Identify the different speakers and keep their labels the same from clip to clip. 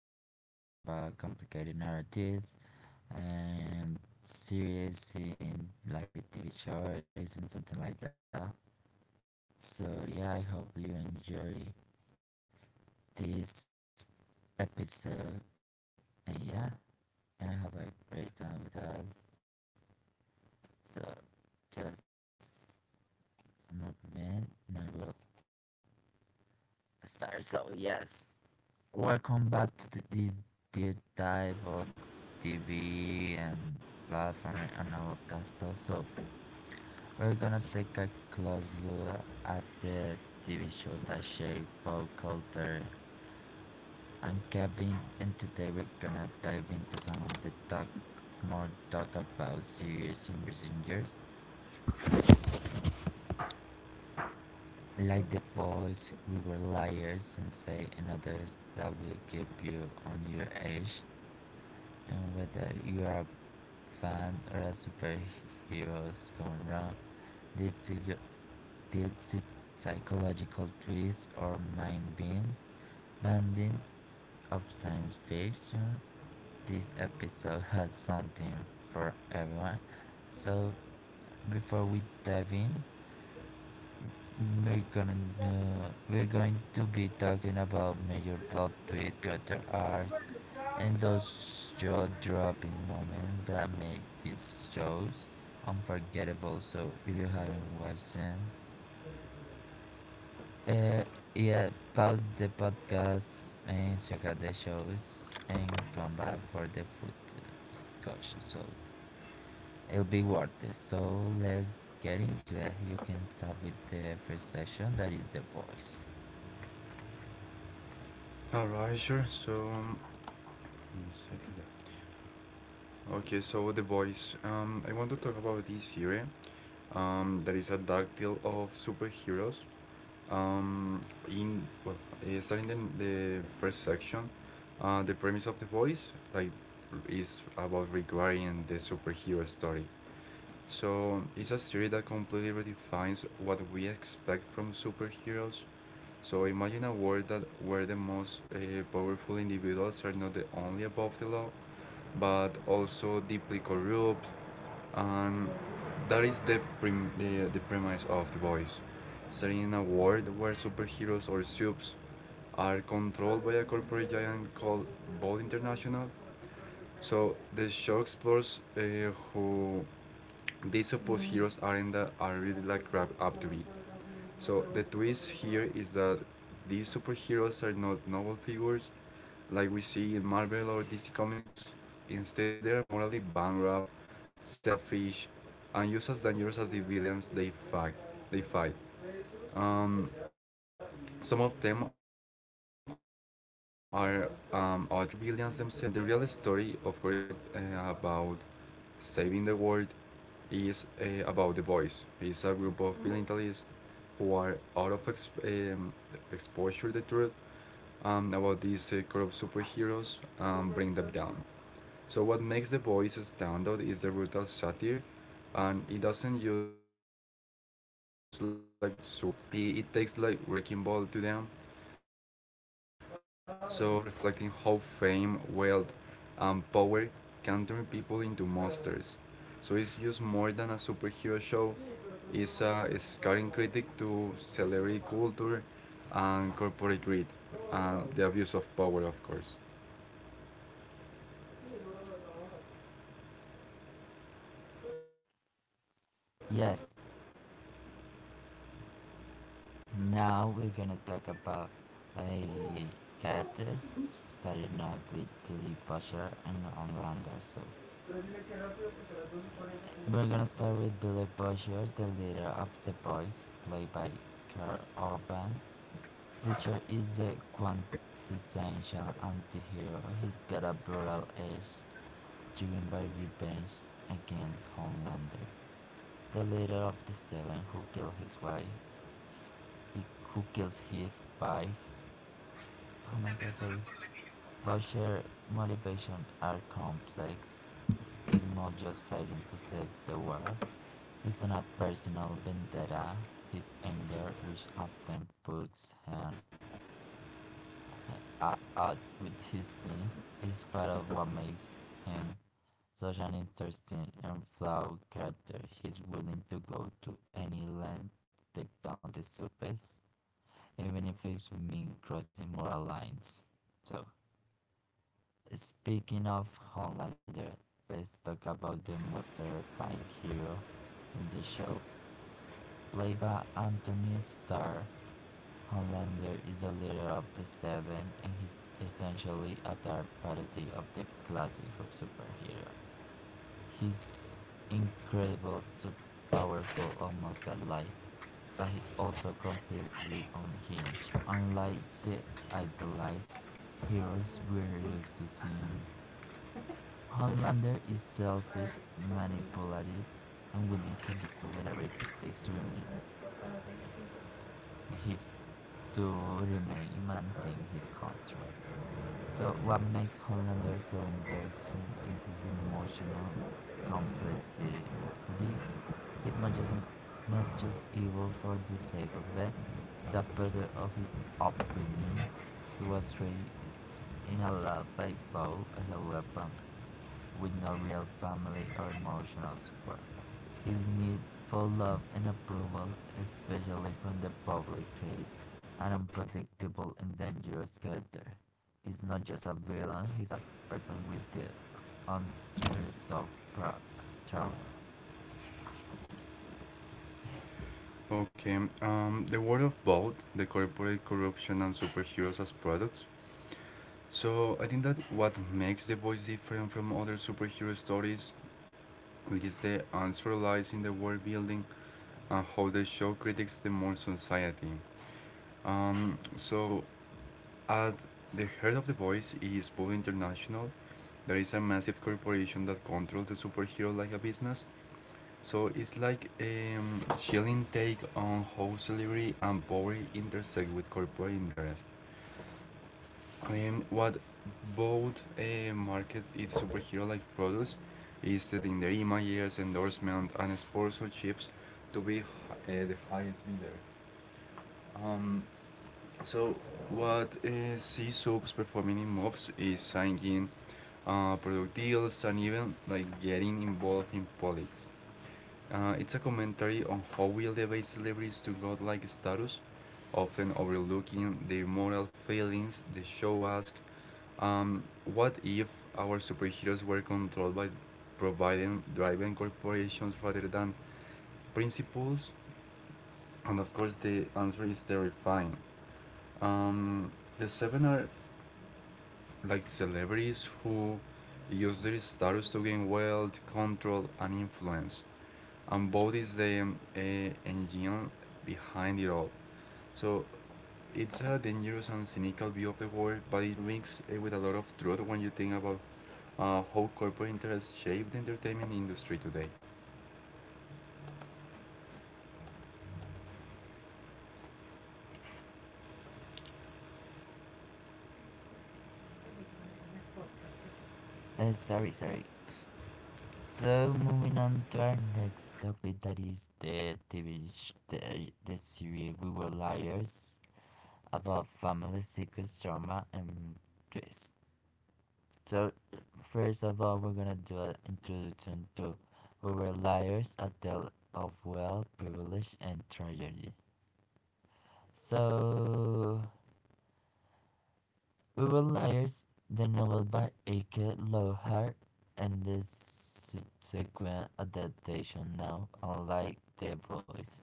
Speaker 1: we're gonna talk about complicated narratives and series in like TV shows and something like that. So yeah, I hope you enjoy this episode. And yeah, and have a great time with us. So just a moment, and I will start. So yes, welcome back to this deep dive of TV and platform and all of that stuff. So we're gonna take a close look at the TV show that shaped pop culture and Kevin. And today we're gonna dive into some of the talk more talk about series in recent years, like The Boys, We Were Liars, and say and others that will keep you on your edge. And whether you are a fan or a superheroes gone these dealt with psychological twists or mind bending of science fiction. This episode has something for everyone. So before we dive in, we're gonna we're going to be talking about major plot twists, character arcs, and those jaw-dropping moments that make these shows unforgettable. So if you haven't watched them, Uh, yeah, pause the podcast and check out the shows and come back for the food discussion. So it'll be worth it. So let's get into it. You can start with the first session that is the boys.
Speaker 2: Alright, sure. Yes, uh, yeah. Okay, so the boys. I want to talk about this series. There is a dark tale of superheroes. Um, in well, Starting in the first section, the premise of the boys like is about regarding the superhero story. So it's a series that completely redefines what we expect from superheroes. So imagine a world that where the most powerful individuals are not the only above the law, but also deeply corrupt, and that is the premise of the boys. Setting in a world where superheroes or soups are controlled by a corporate giant called Bold International. So the show explores who these supposed heroes are in that are really like crap up to be. So the twist here is that these superheroes are not noble figures like we see in Marvel or DC Comics. Instead, they are morally bankrupt, selfish, and just as dangerous as the villains they fight. They fight. Um, some of them are other villains themselves, and the real story, of course, is not about saving the world. Is about the boys. It's a group of vigilantes who are out of um, exposure to the truth about these group superheroes and bring them down. So what makes the boys stand out is the brutal satire, and it doesn't use like super superhero tropes. It takes like wrecking ball to them. So it's a dark mirror reflecting how fame, wealth, and power can turn people into monsters. So it's just more than a superhero show, is a scathing critic to celebrity culture and corporate greed, and the abuse of power, of course.
Speaker 1: Yes, now we're gonna talk about like characters starting off with Billy Butcher and Homelander. So we're gonna start with Billy Butcher, the leader of the boys, played by Carl Urban. Butcher is the quintessential anti-hero, he's got a brutal edge driven by revenge against Homelander, the leader of the Seven who killed his wife, who kills his wife. Oh my god, sorry. Butcher's motivations are complex. He's not just fighting to save the world, he's on a personal vendetta. His anger, which often puts him at odds with his teens, is part of what makes him such an interesting and flawed character. He's willing to go to any length to take down the surface, even if it means crossing moral lines. So, speaking of Homelander, let's talk about the most terrifying hero in the show, played by Anthony Starr. Homelander is a leader of the Seven and he's essentially a dark parody of the classic superhero. He's incredible, so powerful, almost godlike, but he's also completely unhinged. Unlike the idolized heroes we're used to seeing, Homelander is selfish, manipulative, and willing to do whatever it takes his to remain and maintain his control. So, what makes Hollander so interesting is his emotional complexity. He's not just an, not just evil for the sake of that. He's a product of his upbringing. He was raised in a lab by bow as a weapon, with no real family or emotional support. His need for love and approval, especially from the public, creates an unpredictable and dangerous character is not just a villain, he's a person with the unresolved trauma.
Speaker 2: Okay, the world of both the corporate corruption and superheroes as products. So I think that what makes The Boys different from other superhero stories is the answer lies in the world building and how they show critics the more society. Um, so At the heart of the voice is Boom International. There is a massive corporation that controls the superhero like a business. So it's like a chilling take on how celebrity and power intersect with corporate interest. And what both markets its superhero like products is selling their images, endorsement, and sponsorships to be the highest leader. Um, so what C Soup's performing in mobs is singing product deals, and even like getting involved in politics. It's a commentary on how we elevate celebrities to godlike status, often overlooking their moral failings. The show asks, what if our superheroes were controlled by providing driving corporations rather than principles? And of course, the answer is terrifying. Um, the seven are like celebrities who use their status to gain wealth, control, and influence, and both is the engine behind it all. So it's a dangerous and cynical view of the world, but it rings with a lot of truth when you think about how corporate interests shape the entertainment industry today.
Speaker 1: Sorry, sorry. So moving on to our next topic, that is the the series We Were Liars about family secrets, trauma, and twist. So first of all, we're gonna do an introduction to We Were Liars, a tale of wealth, privilege, and tragedy. So We will Liars, the novel by Ike Lohar and the subsequent adaptation now, unlike The Boys,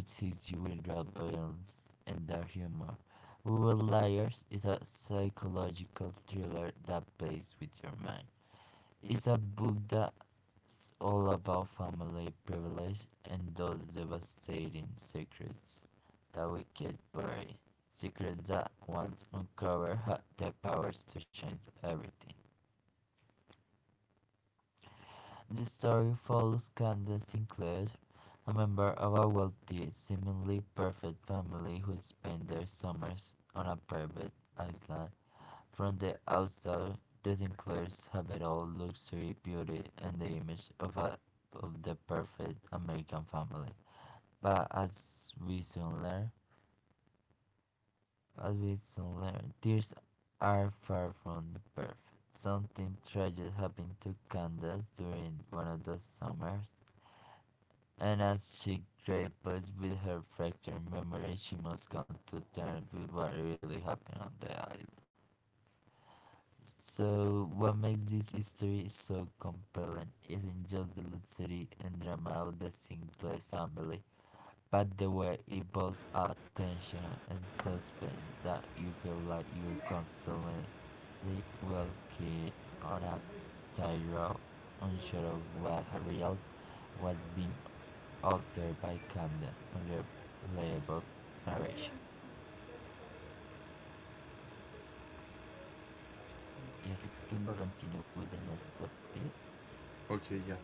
Speaker 1: which is usually balanced and their humor. We Will Liars is a psychological thriller that plays with your mind. It's a book that's all about family privilege and those devastating secrets that we can't bury. Secrets that once uncovered had the power to change everything. The story follows Candace Sinclair, a member of a wealthy, seemingly perfect family who spend their summers on a private island. From the outside, this includes habitual luxury, beauty, and the image of the perfect American family. But as we soon learn, these are far from perfect. Something tragic happened to Candace during one of those summers, and as she grapples with her fractured memory, she must come to terms with what really happened on the island. So, what makes this history so compelling isn't just the luxury and drama of the Sinclair family, but the way it builds up tension and suspense that you feel like you're constantly walking on a tightrope, unsure of what real, was being altered by Candace's unreliable narration. Yes, you can continue with the next topic.
Speaker 2: Okay, yeah.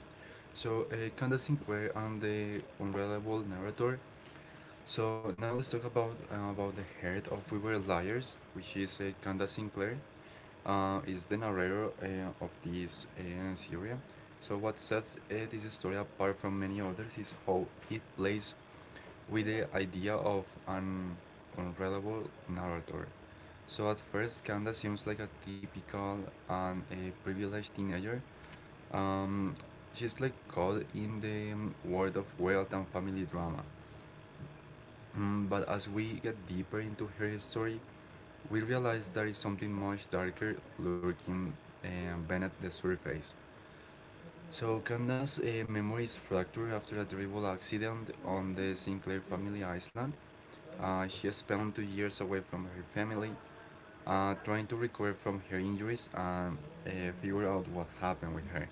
Speaker 2: So, Candace Sinclair and the unreliable narrator. So now let's talk about the heart of We Were Liars, which is Candace Sinclair. Is the narrator of this series. So what sets this story apart from many others is how it plays with the idea of an unreliable narrator. So at first, Kanda seems like a typical and a privileged teenager. Um, she's like caught in the world of wealth and family drama. But as we get deeper into her story, we realize there is something much darker lurking uh, beneath the surface. So, Candace's those memories fracture after a terrible accident on the Sinclair family island? She spent 2 years away from her family, trying to recover from her injuries and figure out what happened with her.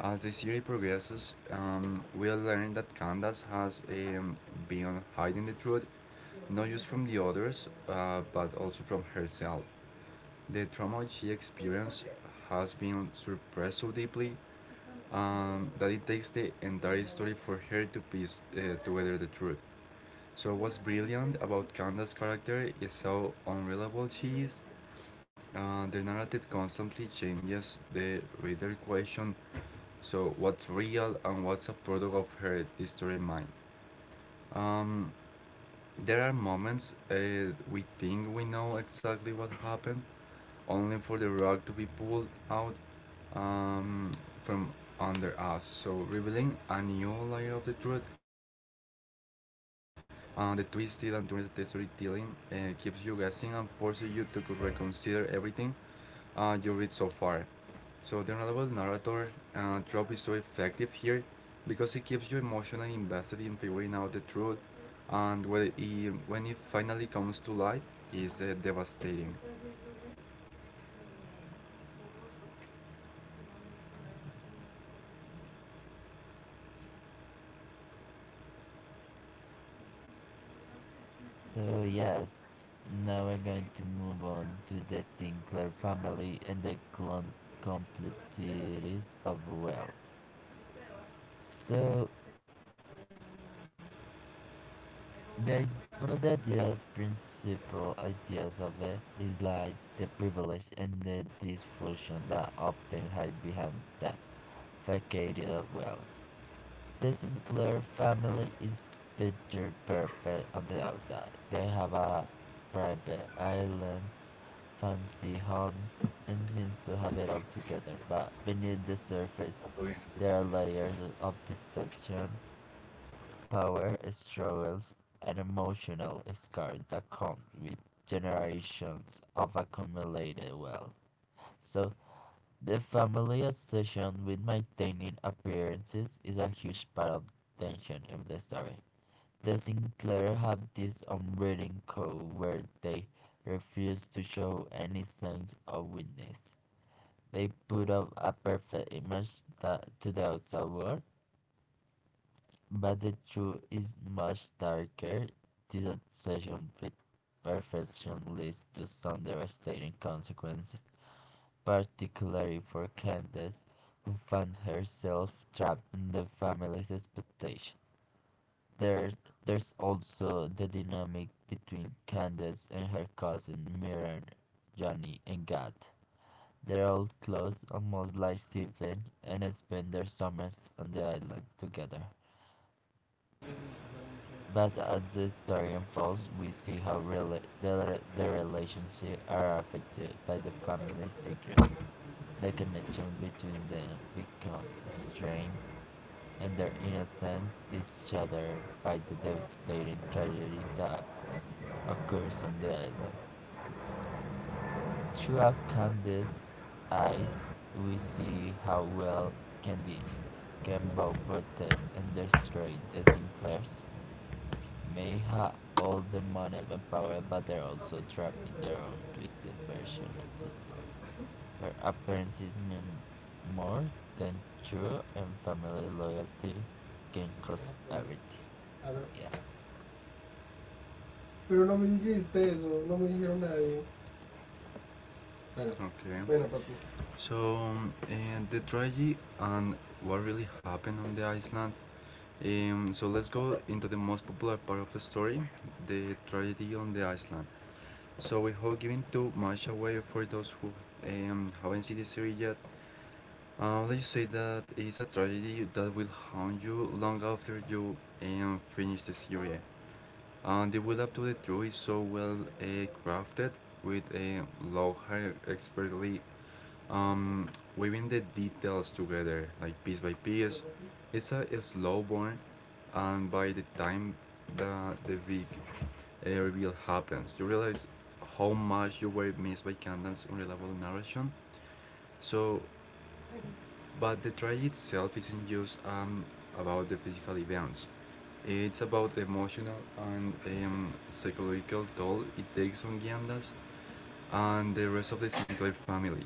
Speaker 2: As the series progresses, we'll learn that Candace has been hiding the truth, not just from the others, but also from herself. The trauma she experienced has been suppressed so deeply that it takes the entire story for her to piece together the truth. So what's brilliant about Candace's character is how unreliable she is. The narrative constantly changes the reader question. So what's real and what's a product of her distorted mind. Um, there are moments we think we know exactly what happened, only for the rug to be pulled out um, from under us. So, revealing a new layer of the truth, the twisted and turned storytelling keeps you guessing and forces you to reconsider everything you read so far. So, the unreliable narrator trope is so effective here because it keeps you emotionally invested in figuring out the truth, and when it finally comes to light, is devastating.
Speaker 1: So, yes, now we're going to move on to the Sinclair family and the clon- complete series of wealth. So, the, one of the principal ideas of it is like the privilege and the dysfunction that often hides behind the facade of wealth. The Sinclair family is picture perfect on the outside. They have a private island. Fancy homes and seems to have it all together, but beneath the surface, there are layers of deception, power struggles, and emotional scars that come with generations of accumulated wealth. So, the family obsession with maintaining appearances is a huge part of the tension in the story. The Sinclair have this unwritten code where they refuse to show any signs of weakness. They put up a perfect image that, to the outside world, but the truth is much darker. This obsession with perfection leads to some devastating consequences, particularly for Candace, who finds herself trapped in the family's expectation. There, there's also the dynamic between Candace and her cousin Mirren, Johnny, and God. They're all close, almost like siblings, and spend their summers on the island together. But as the story unfolds, we see how their relationship are affected by the family secrets. The connection between them becomes strained, and their innocence is shattered by the devastating tragedy that occurs on the island. Through Candace's eyes, we see how well can be Campbell protested and destroyed the Sinclairs. May have all the money and power, but they're also trapped in their own twisted version of success, where appearances mean more than true and family loyalty can cost everything. So yeah.
Speaker 2: Pero no me dijiste eso, no me dijeron nadie. Bueno, okay, bueno, papi. So um, the tragedy and what really happened on the island. So let's go into the most popular part of the story, the tragedy on the island. So without giving too much away for those who haven't seen the series yet, let's say that it's a tragedy that will haunt you long after you finish the series. And the build up to the draw is so well crafted with a Lohar expertly um, weaving the details together, like piece by piece. It's a slow burn, and by the time the big reveal happens, you realize how much you were missed by Kandan's unreliable narration. So, but the trial itself isn't just about the physical events. It's about the emotional and psychological toll it takes on Gyandas and the rest of the Sinclair family.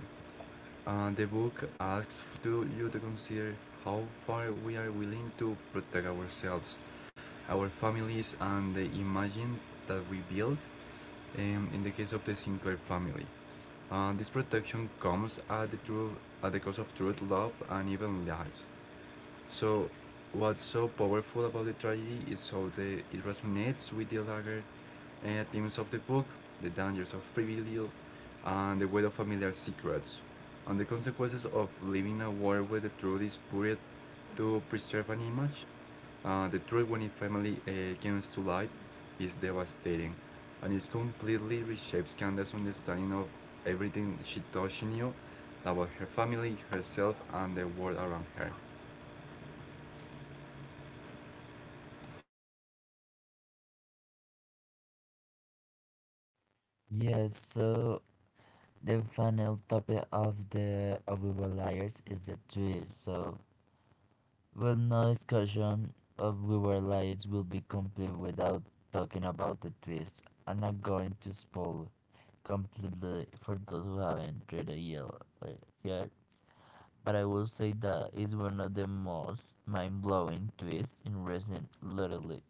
Speaker 2: And the book asks to you to consider how far we are willing to protect ourselves, our families, and the image that we build in the case of the Sinclair family. And this protection comes at at the cost of truth, love, and even lies. So, what's so powerful about the tragedy is how it resonates with the larger themes of the book, the dangers of privilege, and the weight of familiar secrets, and the consequences of living a world where the truth is buried to preserve an image. The truth when a family comes to light is devastating, and it completely reshapes Candace's understanding of everything she thought she knew about her family, herself, and the world around her.
Speaker 1: Yes, so the final topic of the Abuba Liars is the twist. So well, no discussion of River Alliance will be complete without talking about the twist. I'm not going to spoil completely for those who haven't read it yet, but I will say that it's one of the most mind-blowing twists in recent literally,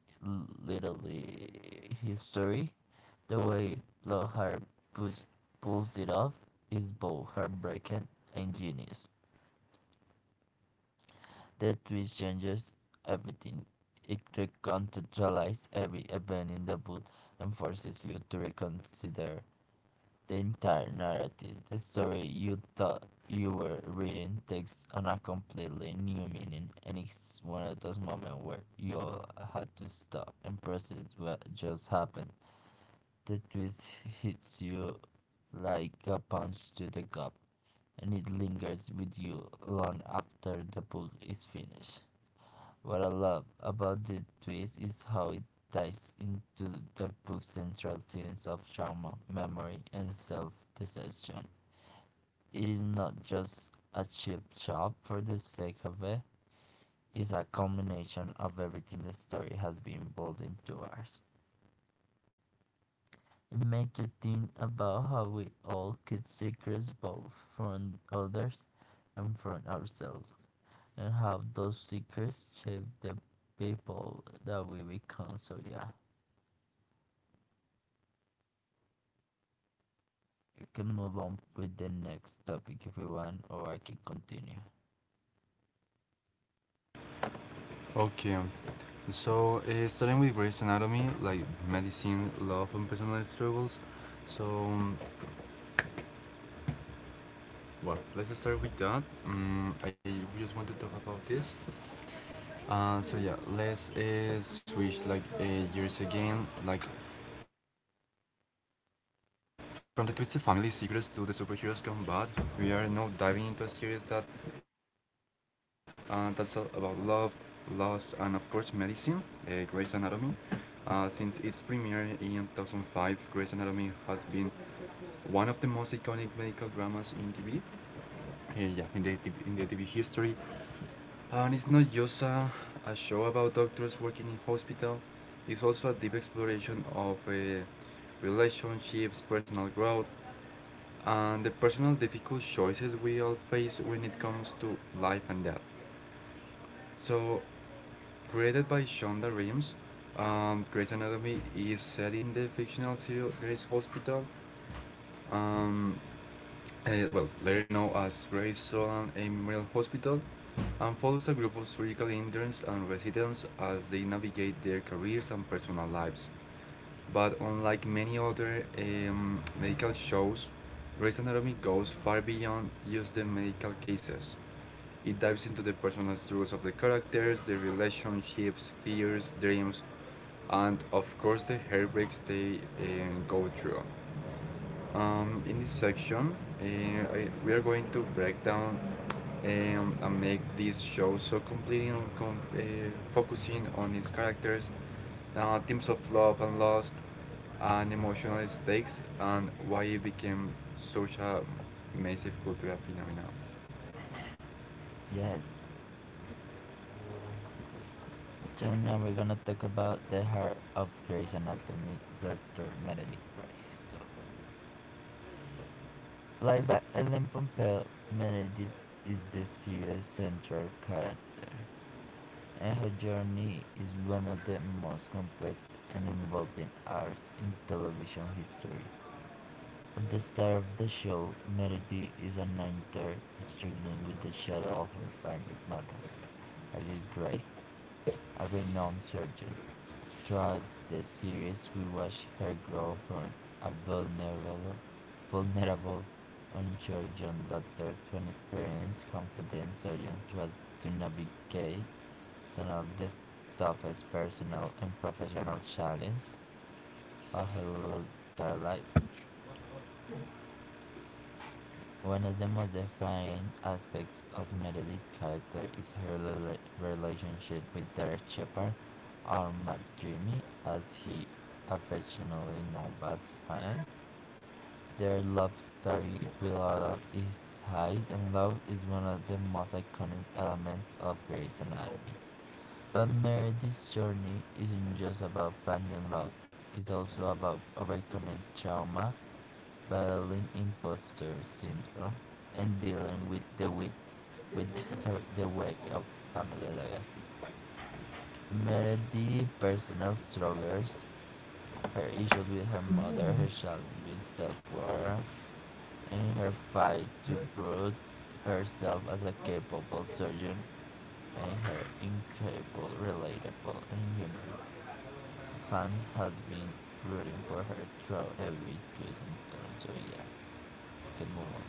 Speaker 1: literally history. The way Lockhart puts, pulls it off is both heartbreaking and genius. That twist changes everything. It recontextualizes every event in the book and forces you to reconsider the entire narrative. The story you thought you were reading takes on a completely new meaning, and it's one of those moments where you all had to stop and process what just happened. The twist hits you like a punch to the gut, and it lingers with you long after the book is finished. What I love about the twist is how it ties into the book's central themes of trauma, memory, and self deception. It is not just a cheap job for the sake of it, it's a combination of everything the story has been built into us. It makes you think about how we all keep secrets both from others and from ourselves, and how those secrets shape the people that we become. So, yeah. You can move on with the next topic if you want, or I can continue.
Speaker 2: Okay, um, Starting with Grey's Anatomy, like medicine, love, and personal struggles. So um, let's start with that. I just want to talk about this. Let's switch like years again. Like from the Twisted Family secrets to the superheroes gone bad, we are now diving into a series that that's all about love, loss, and of course medicine. Grey's Anatomy. Since its premiere in 2005, Grey's Anatomy has been one of the most iconic medical dramas in TV. In the TV history. And it's not just a show about doctors working in hospital. It's also a deep exploration of relationships, personal growth, and the personal difficult choices we all face when it comes to life and death. So, created by Shonda Rhimes, Grey's Anatomy is set in the fictional serial Grey's Hospital. Um, Later known as Grey's Solan Memorial Hospital, and follows a group of surgical interns and residents as they navigate their careers and personal lives. But unlike many other medical shows, Grey's Anatomy goes far beyond just the medical cases. It dives into the personal struggles of the characters, their relationships, fears, dreams, and of course the heartbreaks they go through. In this section, uh, we are going to break down and make this show so completely com- uh, focusing on its characters, themes of love and loss, and emotional stakes, and why it became such a massive cultural phenomenon.
Speaker 1: Yes. So now we're gonna talk about the heart of Grey's Anatomy, Dr. Meredith Grey. So, played by Ellen Pompeo, Meredith is the series' central character, and her journey is one of the most complex and involving arcs in television history. At the start of the show, Meredith is an actor struggling with the shadow of her famous mother. Alice Gray, a renowned surgeon. Throughout the series, we watch her grow from a vulnerable, unsure young doctor to an experienced, confident surgeon who has to navigate some of the toughest personal and professional challenges of her entire life. One of the most defining aspects of Meredith's character is her relationship with Derek Shepard, or Matt Dreamy, as he affectionately known by fans. Their love story with all of its highs and lows is one of the most iconic elements of Grey's Anatomy. But Meredith's journey isn't just about finding love, it's also about overcoming trauma battling imposter syndrome and dealing with the with sorry the way of family legacy. Meredith personal struggles, her issues with her mother, her challenge with self-worth, and her fight to prove herself as a capable surgeon made her incredible, relatable, and human. Fans have been rooting for her through every twist and turn, so yeah, you can move on.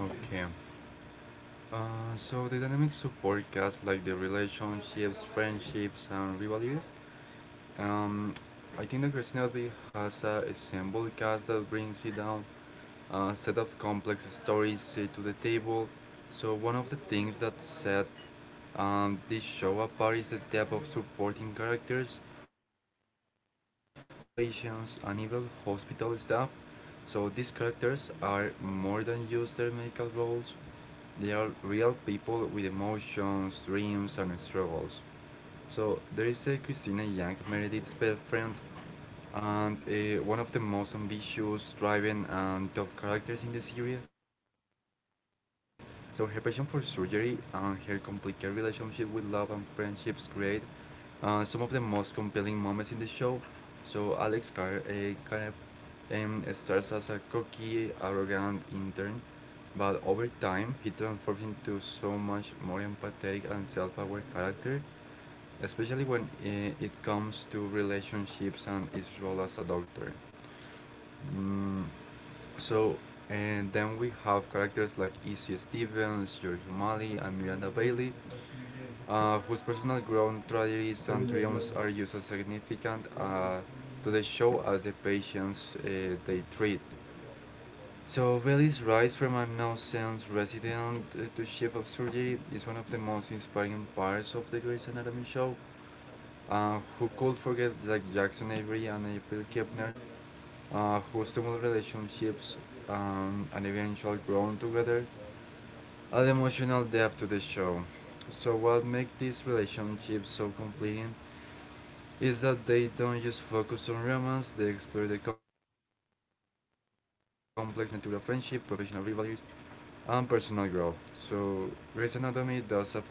Speaker 2: Okay. So the dynamics of podcasts, like the relationships, friendships, and rivalries, um, I think that Christina B has a ensemble cast that brings it down set of complex stories to the table. So one of the things that set this show apart is the depth of supporting characters, from fellow doctors to patients and even hospital staff. So these characters are more than just their medical roles; they are real people with emotions, dreams, and struggles. So there is a Christina Yang, Meredith's best friend, and one of the most ambitious, driven, and tough characters in the series. So her passion for surgery and her complicated relationship with love and friendships create some of the most compelling moments in the show. So Karev starts as a cocky, arrogant intern, but over time he transforms into so much more empathetic and self-aware character, especially when it comes to relationships and his role as a doctor. Mm, so, and then we have characters like Izzy Stevens, George O'Malley, and Miranda Bailey, whose personal growth, tragedies, and triumphs are used as significant to the show as the patients they treat. So, Bailey's rise from a nonsense resident to chief of surgery is one of the most inspiring parts of the Grey's Anatomy show. Who could forget like Jackson Avery and April Kepner, whose tumultuous relationships and eventual grown together add emotional depth to the show. So what makes these relationships so compelling is that they don't just focus on romance, they explore the complex nature of friendship, professional rivalries, and personal growth. So Grey's Anatomy does a fantastic job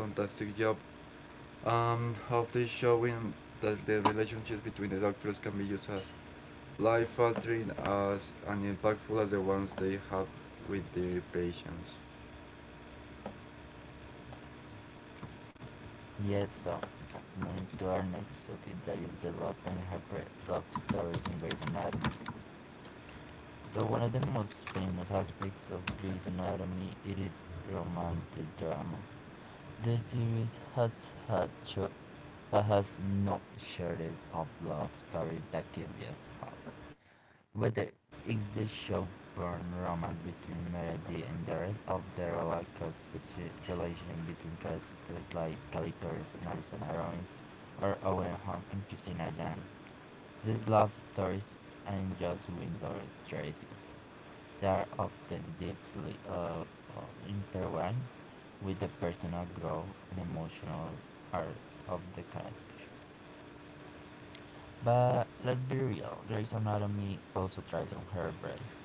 Speaker 2: of the showing that the relationships between the doctors can be used as life altering as and impactful as the ones they have with their patients.
Speaker 1: Yes, so moving to our next topic that is the love and heartbreak love stories in Grey's Anatomy. So one of the most famous aspects of Grey's Anatomy it is romantic drama. The series has no shortage of love stories that can be as hot. Whether it's the showborn romance between Melody and Jared, or the rollercoaster relation between characters like Cali Torres and Arizona Robbins, or Owen Home and Christina Jan. These love stories aren't just window dressing; they are often deeply intertwined with the personal growth and emotional arcs of the character. But let's be real, Grey's Anatomy also tries on her brain.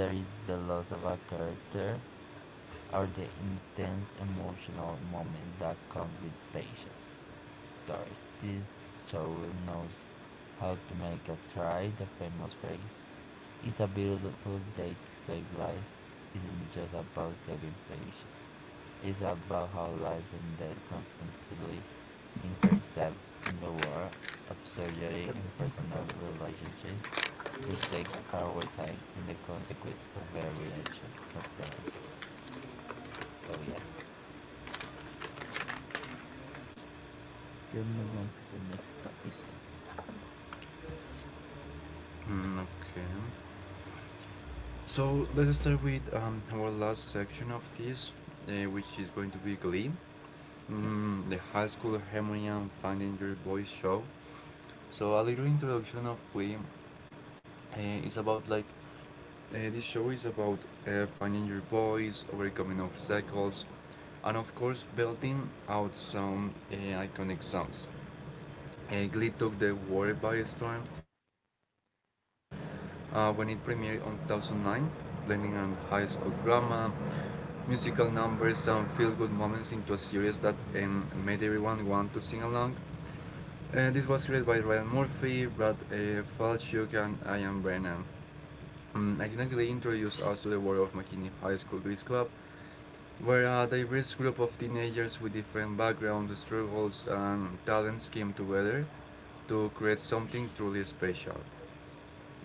Speaker 1: Whether it's the loss of a character or the intense emotional moment that comes with patient stories. This show knows how to make us cry. The famous phrase, it's a beautiful day to save life, isn't just about saving patients. It's about how life and death constantly intersect in the world of surgery and personal relationship. The stakes are always high, and the consequences of every action are felt. So yeah, we'll move on to the next topic.
Speaker 2: Okay. So let's start with our last section of this, which is going to be Glee, the high school harmony and finding your voice show. So a little introduction of Glee is about like this show is about finding your voice, overcoming obstacles, and of course belting out some iconic songs. Glee took the world by storm when it premiered in 2009, blending on high school drama, musical numbers, and feel-good moments into a series that made everyone want to sing along. This was created by Ryan Murphy, Brad Falchuk, and Ian Brennan. I accidentally introduced us to the world of McKinney High School Grease Club, where a diverse group of teenagers with different backgrounds, struggles, and talents came together to create something truly special.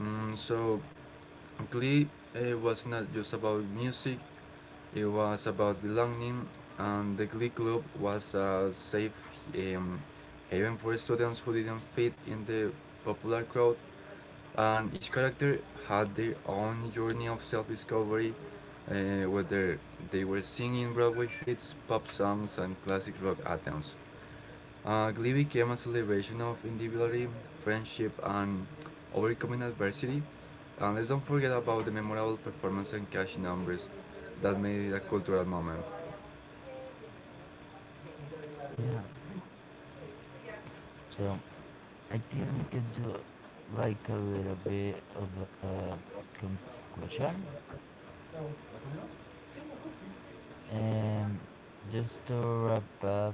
Speaker 2: So Glee was not just about music, it was about belonging, and the Glee Club was a safe um, haven for students who didn't fit in the popular crowd, and each character had their own journey of self discovery, whether they were singing Broadway hits, pop songs, and classic rock anthems. Glee became a celebration of individuality, friendship, and overcoming adversity, and let's don't forget about the memorable performance and catchy numbers that made it a cultural moment.
Speaker 1: Yeah. So I think we could do like a little bit of a conclusion. And just to wrap up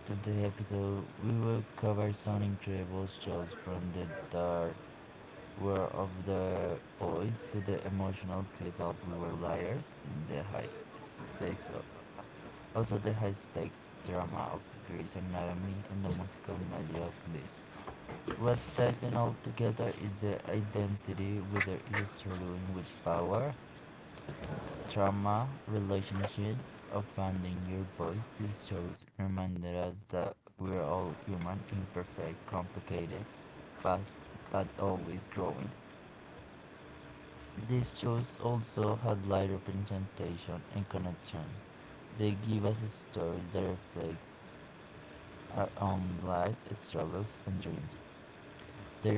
Speaker 1: today episode, we will cover some incredible shows from the dark world of the boys to the emotional twist of We Were Liars in the stakes of high stakes drama of Grey's Anatomy and the musical magic of Glee. What ties them all together is the identity, whether it's struggling with power, trauma, relationship, or finding your voice. These shows reminded us that we're all human, imperfect, complicated, fast, but always growing. These shows also highlight representation and connection. They give us stories that reflect our own life struggles and dreams.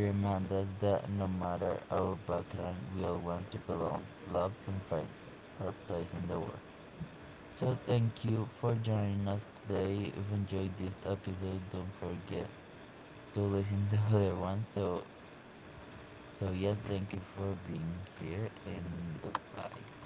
Speaker 1: They remind us that no matter our background, we all want to belong, love, and find our place in the world. So, thank you for joining us today. If you enjoyed this episode, don't forget to listen to other ones. So, so yeah, thank you for being here and goodbye.